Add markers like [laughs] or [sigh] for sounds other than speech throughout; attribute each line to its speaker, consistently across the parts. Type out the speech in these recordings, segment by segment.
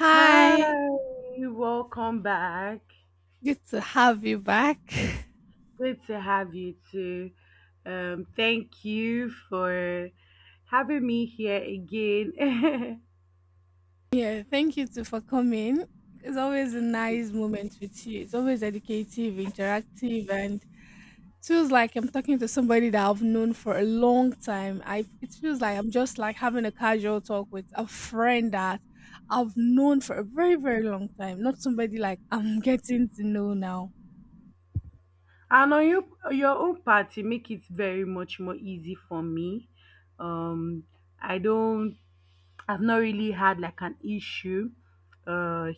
Speaker 1: Hi,
Speaker 2: Hi, welcome back.
Speaker 1: good to have you back. [laughs]
Speaker 2: Good to have you too. Thank you for having me here again.
Speaker 1: Yeah, thank you too for coming. It's always a nice moment with you. It's always educative, interactive, and it feels like I'm talking to somebody that I've known for a long time. I It feels like I'm just like having a casual talk with a friend that I've known for a very, very long time. Not somebody like I'm [laughs] getting to know now.
Speaker 2: [laughs] And on your own party, make it very much more easy for me. Um, I don't, I've not really had like an issue uh,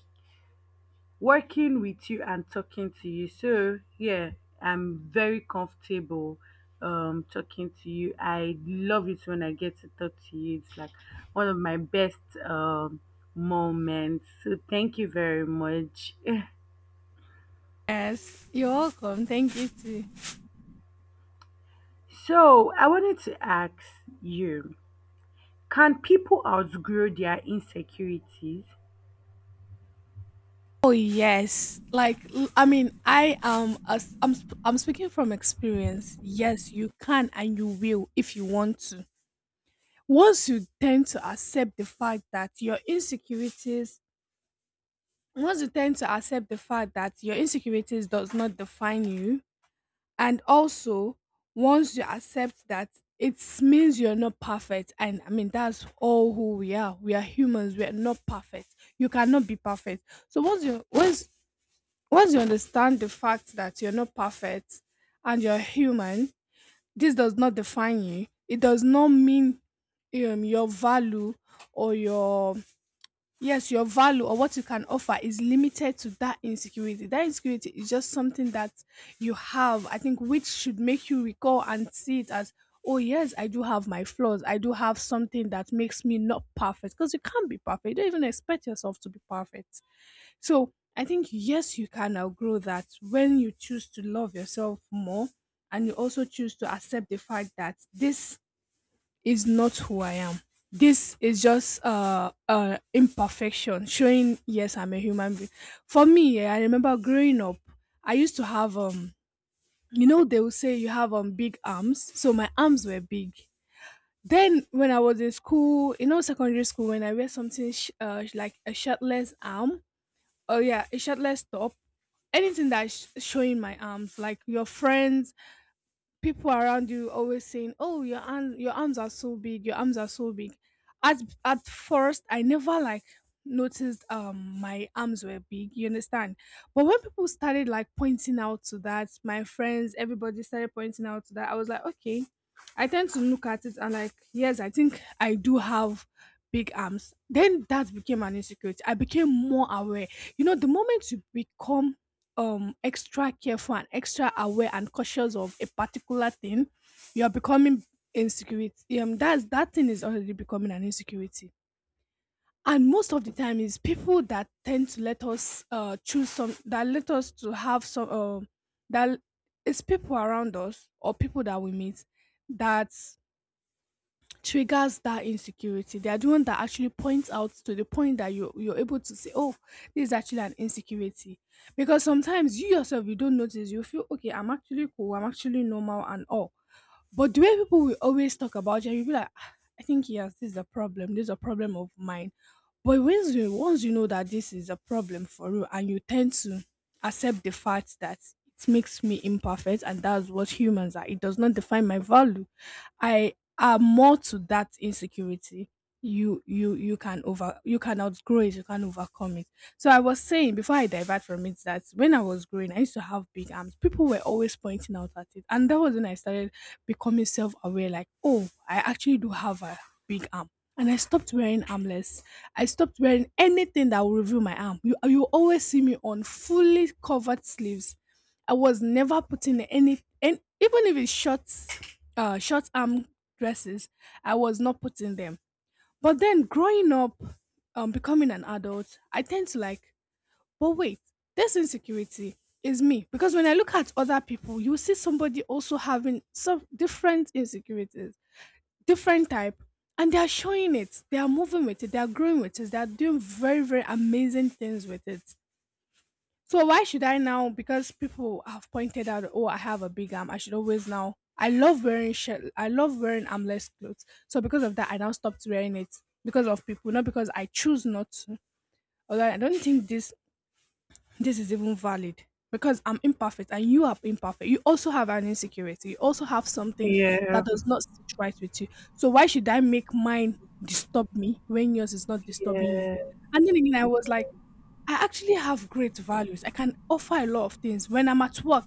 Speaker 2: working with you and talking to you. So yeah, I'm very comfortable talking to you. I love it when I get to talk to you. It's like one of my best um moments. So thank you very much. [laughs]
Speaker 1: Yes, you're welcome. Thank you too.
Speaker 2: So I wanted to ask you, can people outgrow their insecurities?
Speaker 1: Oh yes. I mean, I am as I'm speaking from experience. Yes, you can and you will if you want to. Once you tend to accept the fact that your insecurities once you tend to accept the fact that your insecurities does not define you, and also once you accept that it means you're not perfect. And I mean that's all who we are. We are humans, we are not perfect. You cannot be perfect. So once you understand the fact that you're not perfect and you're human, this does not define you. It does not mean your value or your yes, your value or what you can offer is limited to that insecurity. That insecurity is just something that you have, I think, which should make you recall and see it as, oh yes, I do have my flaws. I do have something that makes me not perfect, because you can't be perfect. You don't even expect yourself to be perfect. So I think, yes, you can outgrow that when you choose to love yourself more, and you also choose to accept the fact that this is not who I am. This is just imperfection showing yes I'm a human being. For me, I remember growing up, I used to have you know they will say you have big arms, so my arms were big. Then when I was in school, you know, secondary school, when I wear something like a shirtless arm, oh yeah, a shirtless top, anything that's showing my arms, like your friends, people around you always saying, oh your arm, your arms are so big, your arms are so big. at at first I never like noticed my arms were big, you understand? But when people started like pointing out to that, my friends, everybody started pointing out to that, I was like okay, I tend to look at it and like yes I think I do have big arms. Then that became an insecurity. I became more aware. You know, the moment you become extra careful and extra aware and cautious of a particular thing, you are becoming insecurity. That's that thing is already becoming an insecurity. And most of the time, is people that tend to let us choose some that let us to have some that it's people around us or people that we meet that triggers that insecurity. They are the one that actually points out to the point that you're able to say, oh, this is actually an insecurity. Because sometimes you yourself you don't notice. You feel okay. I'm actually cool. I'm actually normal and all. But the way people will always talk about you, you'll be like, "Ah, I think he has this is a problem. This is a problem of mine." But once you know that this is a problem for you, and you tend to accept the fact that it makes me imperfect, and that's what humans are. It does not define my value. I are more to that insecurity. You can outgrow it. You can overcome it. So I was saying before I divert from it that when I was growing, I used to have big arms. People were always pointing out at it, and that was when I started becoming self-aware. Like, oh, I actually do have a big arm, and I stopped wearing armless. I stopped wearing anything that will reveal my arm. You always see me on fully covered sleeves. I was never putting any, and even if it's short, short arm dresses, I was not putting them. But then growing up, becoming an adult, I tend to like but wait, this insecurity is me. Because when I look at other people, you see somebody also having some different insecurities, different type, and they are showing it. They are moving with it. They are growing with it. They are doing very, very amazing things with it. So why should I now? Because people have pointed out, oh, I have a big arm. I should always now. I love wearing shirt. I love wearing armless clothes. So because of that, I now stopped wearing it because of people, not because I choose not to. Although I don't think this is even valid, because I'm imperfect and you are imperfect. You also have an insecurity. You also have something
Speaker 2: Yeah,
Speaker 1: that does not sit right with you. So why should I make mine disturb me when yours is not disturbing you?
Speaker 2: yeah,
Speaker 1: And then again, I was like, I actually have great values. I can offer a lot of things when I'm at work,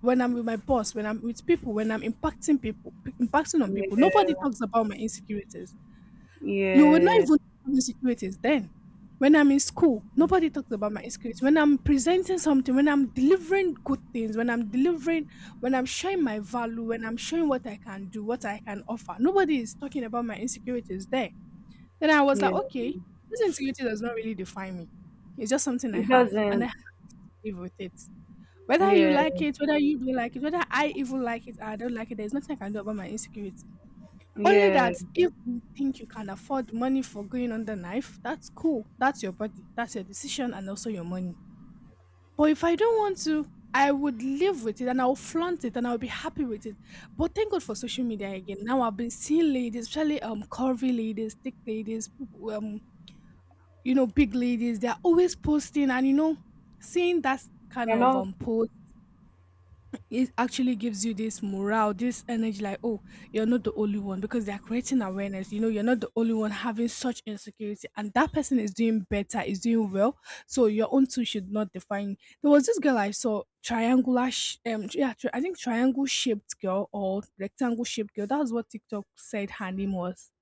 Speaker 1: when I'm with my boss, when I'm with people, when I'm impacting people, impacting on people. Nobody talks about my insecurities. You will not
Speaker 2: yeah, yeah,
Speaker 1: even know insecurities then. When I'm in school, nobody talks about my insecurities. When I'm presenting something, when I'm delivering good things, when I'm delivering, when I'm showing my value, when I'm showing what I can do, what I can offer, nobody is talking about my insecurities there. Then I was like,
Speaker 2: yeah.
Speaker 1: okay, this insecurity does not really define me. It's just something I
Speaker 2: It
Speaker 1: have, and I
Speaker 2: doesn't.
Speaker 1: have to live with it. Whether you
Speaker 2: Yeah,
Speaker 1: like it, whether you don't like it, whether I even like it or I don't like it, there's nothing I can do about my insecurity. Only
Speaker 2: yeah.
Speaker 1: that if you think you can afford money for going on the knife, that's cool. That's your body. That's your decision and also your money. But if I don't want to, I would live with it and I'll flaunt it and I'll be happy with it. But thank God for social media again. Now I've been seeing ladies, especially curvy ladies, thick ladies, people, you know, big ladies, they're always posting, and you know, seeing that kind
Speaker 2: They're
Speaker 1: of
Speaker 2: not.
Speaker 1: post, it actually gives you this morale, this energy, like, oh, you're not the only one, because they're creating awareness. You know, you're not the only one having such insecurity, and that person is doing better, is doing well. So your own too should not define. There was this girl I saw, triangular, yeah, I think triangle shaped girl or rectangle shaped girl. That's what TikTok said her name was.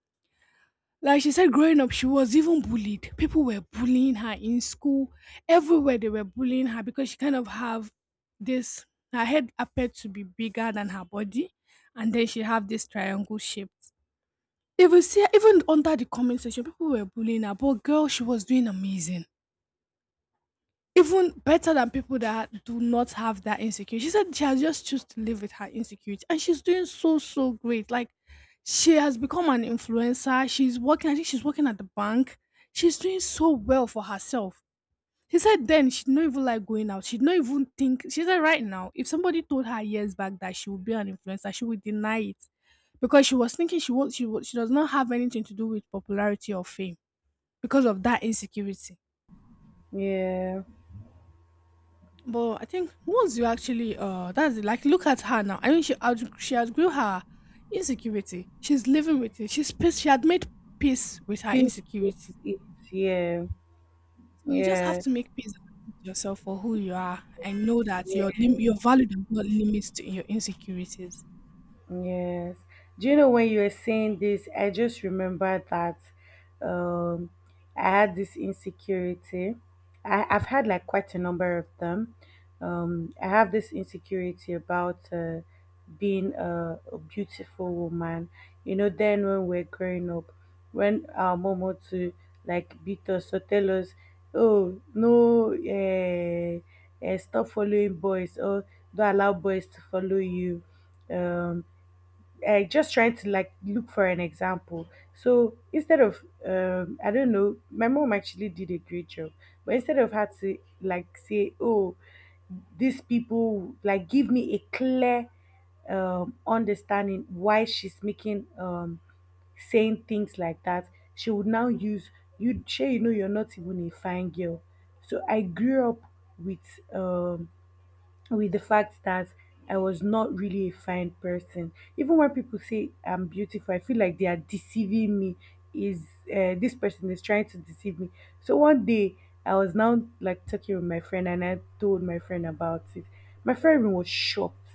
Speaker 1: Like she said, growing up, she was even bullied. People were bullying her in school. Everywhere they were bullying her, because she kind of have this. Her head appeared to be bigger than her body, and then she have this triangle shape. Even see, even under the comment section, people were bullying her. But girl, she was doing amazing, even better than people that do not have that insecurity. She said she has just choose to live with her insecurity, and she's doing so so great. Like she has become an influencer. She's working. I think she's working at the bank. She's doing so well for herself. She said then she'd not even like going out. She'd not even think. She said right now, if somebody told her years back that she would be an influencer, she would deny it, because she was thinking she won't. She won't. She does not have anything to do with popularity or fame because of that insecurity.
Speaker 2: Yeah.
Speaker 1: But I think once you actually that's it, like look at her now. I mean she outgrew her insecurity. She's living with it. She had made peace with her
Speaker 2: Peace. is-
Speaker 1: insecurity.
Speaker 2: Yeah.
Speaker 1: So you just have
Speaker 2: Yeah.
Speaker 1: to make peace with yourself for who you are and know that
Speaker 2: Yeah.
Speaker 1: your your value does not limit to your insecurities.
Speaker 2: Yes. Do you know when you were saying this, I just remembered that um, I had this insecurity. I've had like quite a number of them. I have this insecurity about being a beautiful woman. You know, then when we're growing up, when our mom would to like beat us or tell us, oh, no, stop following boys or don't allow boys to follow you. Um, I just trying to like look for an example. So instead of, I don't know, my mom actually did a great job, but instead of her to like say, oh, these people like give me a clear understanding why she's making saying things like that, she would now use you. Sure, you're not even a fine girl. So I grew up with um, with the fact that I was not really a fine person. Even when people say I'm beautiful, I feel like they are deceiving me. Is This person is trying to deceive me? So one day I was now like talking with my friend, and I told my friend about it. My friend was shocked.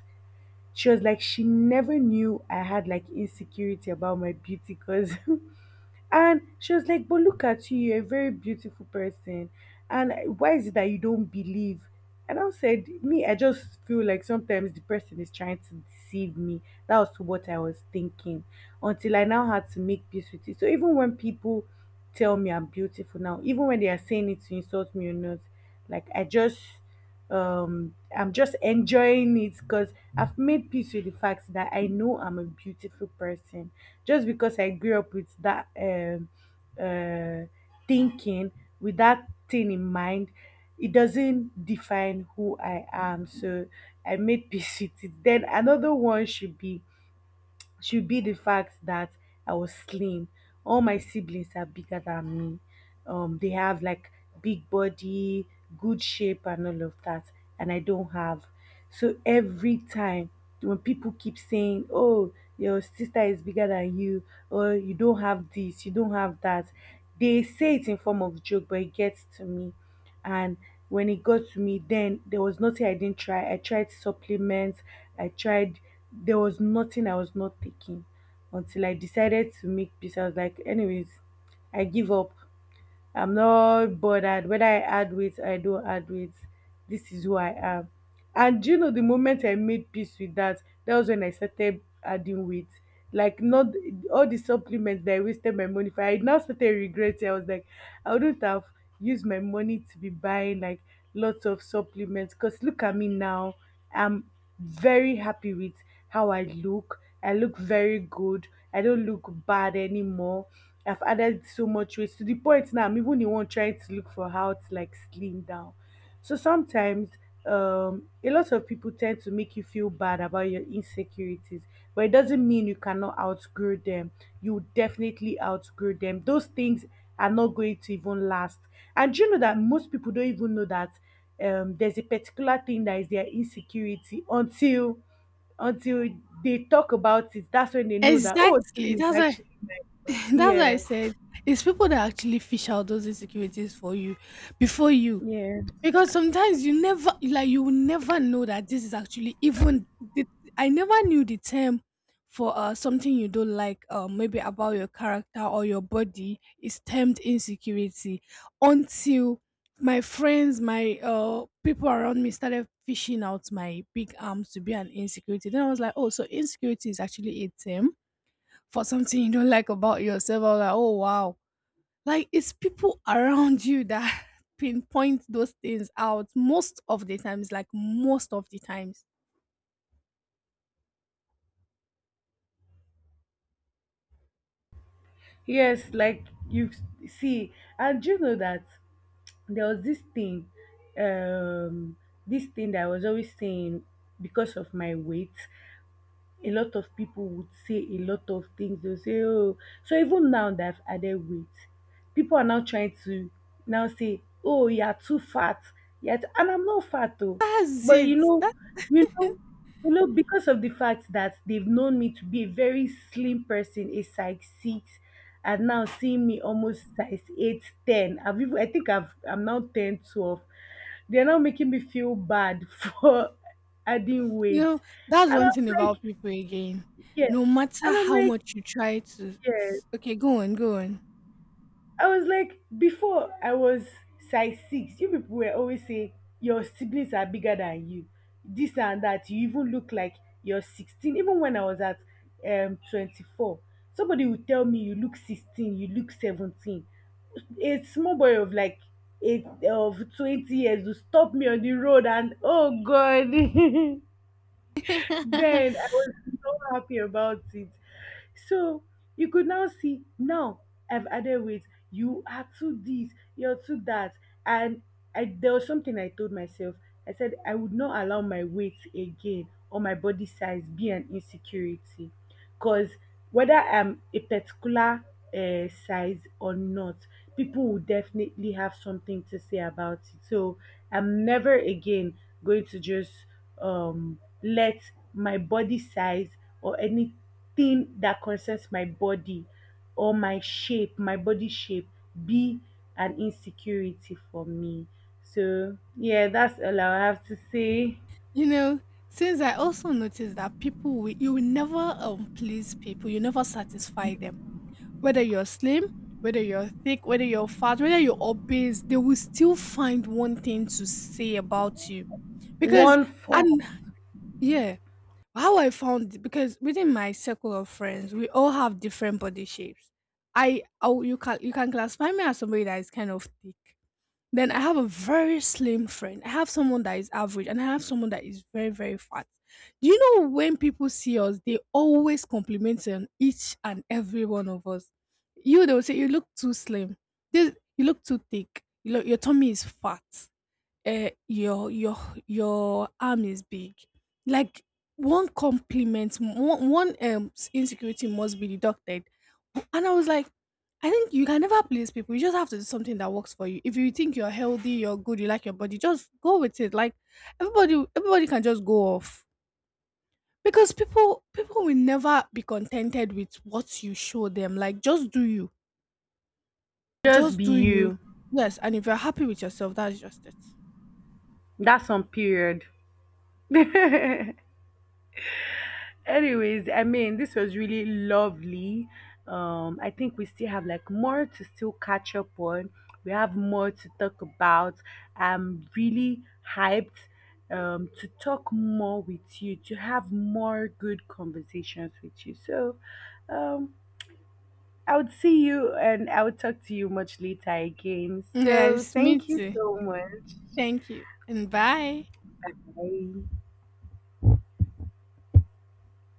Speaker 2: She was like, she never knew I had like insecurity about my beauty because. [laughs] And she was like, but look at you, you're a very beautiful person. And why is it that you don't believe? And I said, me, I just feel like sometimes the person is trying to deceive me. That was what I was thinking until I now had to make peace with it. So even when people tell me I'm beautiful now, even when they are saying it to insult me or not, like I'm just enjoying it because I've made peace with the fact that I know I'm a beautiful person just because I grew up with that uh thinking with that thing in mind. It doesn't define who I am. So I made peace with it. Then another one should be the fact that I was slim. All my siblings are bigger than me. They have like big body, good shape, and all of that, and I don't have. So every time when people keep saying, "Oh, your sister is bigger than you," or "You don't have this, you don't have that," they say it in form of joke, but it gets to me. And when it got to me, then there was nothing I didn't try. I tried supplements. I tried There was nothing I was not taking until I decided to make peace. I was like, anyways, I give up. I'm not bothered whether I add weight or I don't add weight. This is who I am. And do you know the moment I made peace with that, that was when I started adding weight. Like not all the supplements that I wasted my money for. I now started regretting. I was like, I wouldn't have used my money to be buying like lots of supplements. Cause look at me now. I'm very happy with how I look. I look very good. I don't look bad anymore. I've added so much weight to the point now I'm even the one trying to look for how to like slim down. So sometimes a lot of people tend to make you feel bad about your insecurities, but it doesn't mean you cannot outgrow them. You definitely outgrow them. Those things are not going to even last. And do you know that most people don't even know that there's a particular thing that is their insecurity until they talk about it. That's when they know that oh this
Speaker 1: Exactly.
Speaker 2: thing is
Speaker 1: That's why
Speaker 2: actually mine."
Speaker 1: [laughs] that's why
Speaker 2: Yeah.
Speaker 1: I said it's people that actually fish out those insecurities for you before you.
Speaker 2: Yeah.
Speaker 1: Because sometimes you never like you will never know that this is actually even the, I never knew the term for something you don't like, maybe about your character or your body, is termed insecurity, until my friends my people around me started fishing out my big arms to be an insecurity. Then I was like, oh, so insecurity is actually a term for something you don't like about yourself. I was like, oh wow, like it's people around you that [laughs] pinpoint those things out most of the times, like most of the times.
Speaker 2: Yes, like see, and you know that there was um, this thing that I was always saying because of my weight. A lot of people would say a lot of things. They'll say, oh, so even now that I've added weight, people are now trying to now say, oh, you're too fat. Yet, and I'm not fat though.
Speaker 1: That's
Speaker 2: But
Speaker 1: it.
Speaker 2: you know, because of the fact that they've known me to be a very slim person, a size 6, and now seeing me almost size 8, 10. I've even, I think I'm now 10, 12. They're now making me feel bad [laughs] for adding
Speaker 1: You
Speaker 2: weight.
Speaker 1: know, that's
Speaker 2: And I'm
Speaker 1: one thing
Speaker 2: like,
Speaker 1: about people again.
Speaker 2: yes.
Speaker 1: No matter
Speaker 2: And I'm
Speaker 1: how
Speaker 2: like,
Speaker 1: much you try to
Speaker 2: yes.
Speaker 1: okay, go on, go on.
Speaker 2: I was like, before I was size 6, you people were always saying your siblings are bigger than you. This and that. You even look like you're 16. Even when I was at 24, somebody would tell me you look 16, you look 17. A small boy of like 8 of 20 years would stop me on the road and oh god. [laughs]
Speaker 1: [laughs]
Speaker 2: Then I was so happy about it. So you could now see now I've added weight. You are too this, you're too that. And I there was something I told myself. I said I would not allow my weight again or my body size be an insecurity. Because whether I'm a particular size or not, people will definitely have something to say about it. So I'm never again going to just let my body size or anything that concerns my body or my shape, my body shape, be an insecurity for me. So, yeah, that's all I have to say.
Speaker 1: You know, since I also noticed that people will, you will never please people, you never satisfy them. Whether you're slim, whether you're thick, whether you're fat, whether you're obese, they will still find one thing to say about you. Because
Speaker 2: One
Speaker 1: and
Speaker 2: form,
Speaker 1: yeah, how I found because within my circle of friends, we all have different body shapes. I Oh, you can classify me as somebody that is kind of thick. Then I have a very slim friend. I have someone that is average, and I have someone that is very, very fat. Do you know when people see us, they always compliment on each and every one of us. You They will say you look too slim. This you look too thick. You look, your tummy is fat, your your arm is big, like one compliment, one insecurity must be deducted. And I was like, I think you can never please people. You just have to do something that works for you. If you think you're healthy, you're good, you like your body, just go with it. Like everybody can just go off, because people will never be contented with what you show them. Like just do you,
Speaker 2: just
Speaker 1: just
Speaker 2: be
Speaker 1: do you.
Speaker 2: you.
Speaker 1: Yes, and if you're happy with yourself, that's just it.
Speaker 2: That's on period. [laughs] Anyways, I mean, this was really lovely. I think we still have like more to still catch up on. We have more to talk about. I'm really hyped to talk more with you, to have more good conversations with you. So, um, I would see you and I would talk to you much later again. So,
Speaker 1: Yes, me
Speaker 2: thank you
Speaker 1: too.
Speaker 2: so much.
Speaker 1: Thank you. And bye.
Speaker 2: Bye.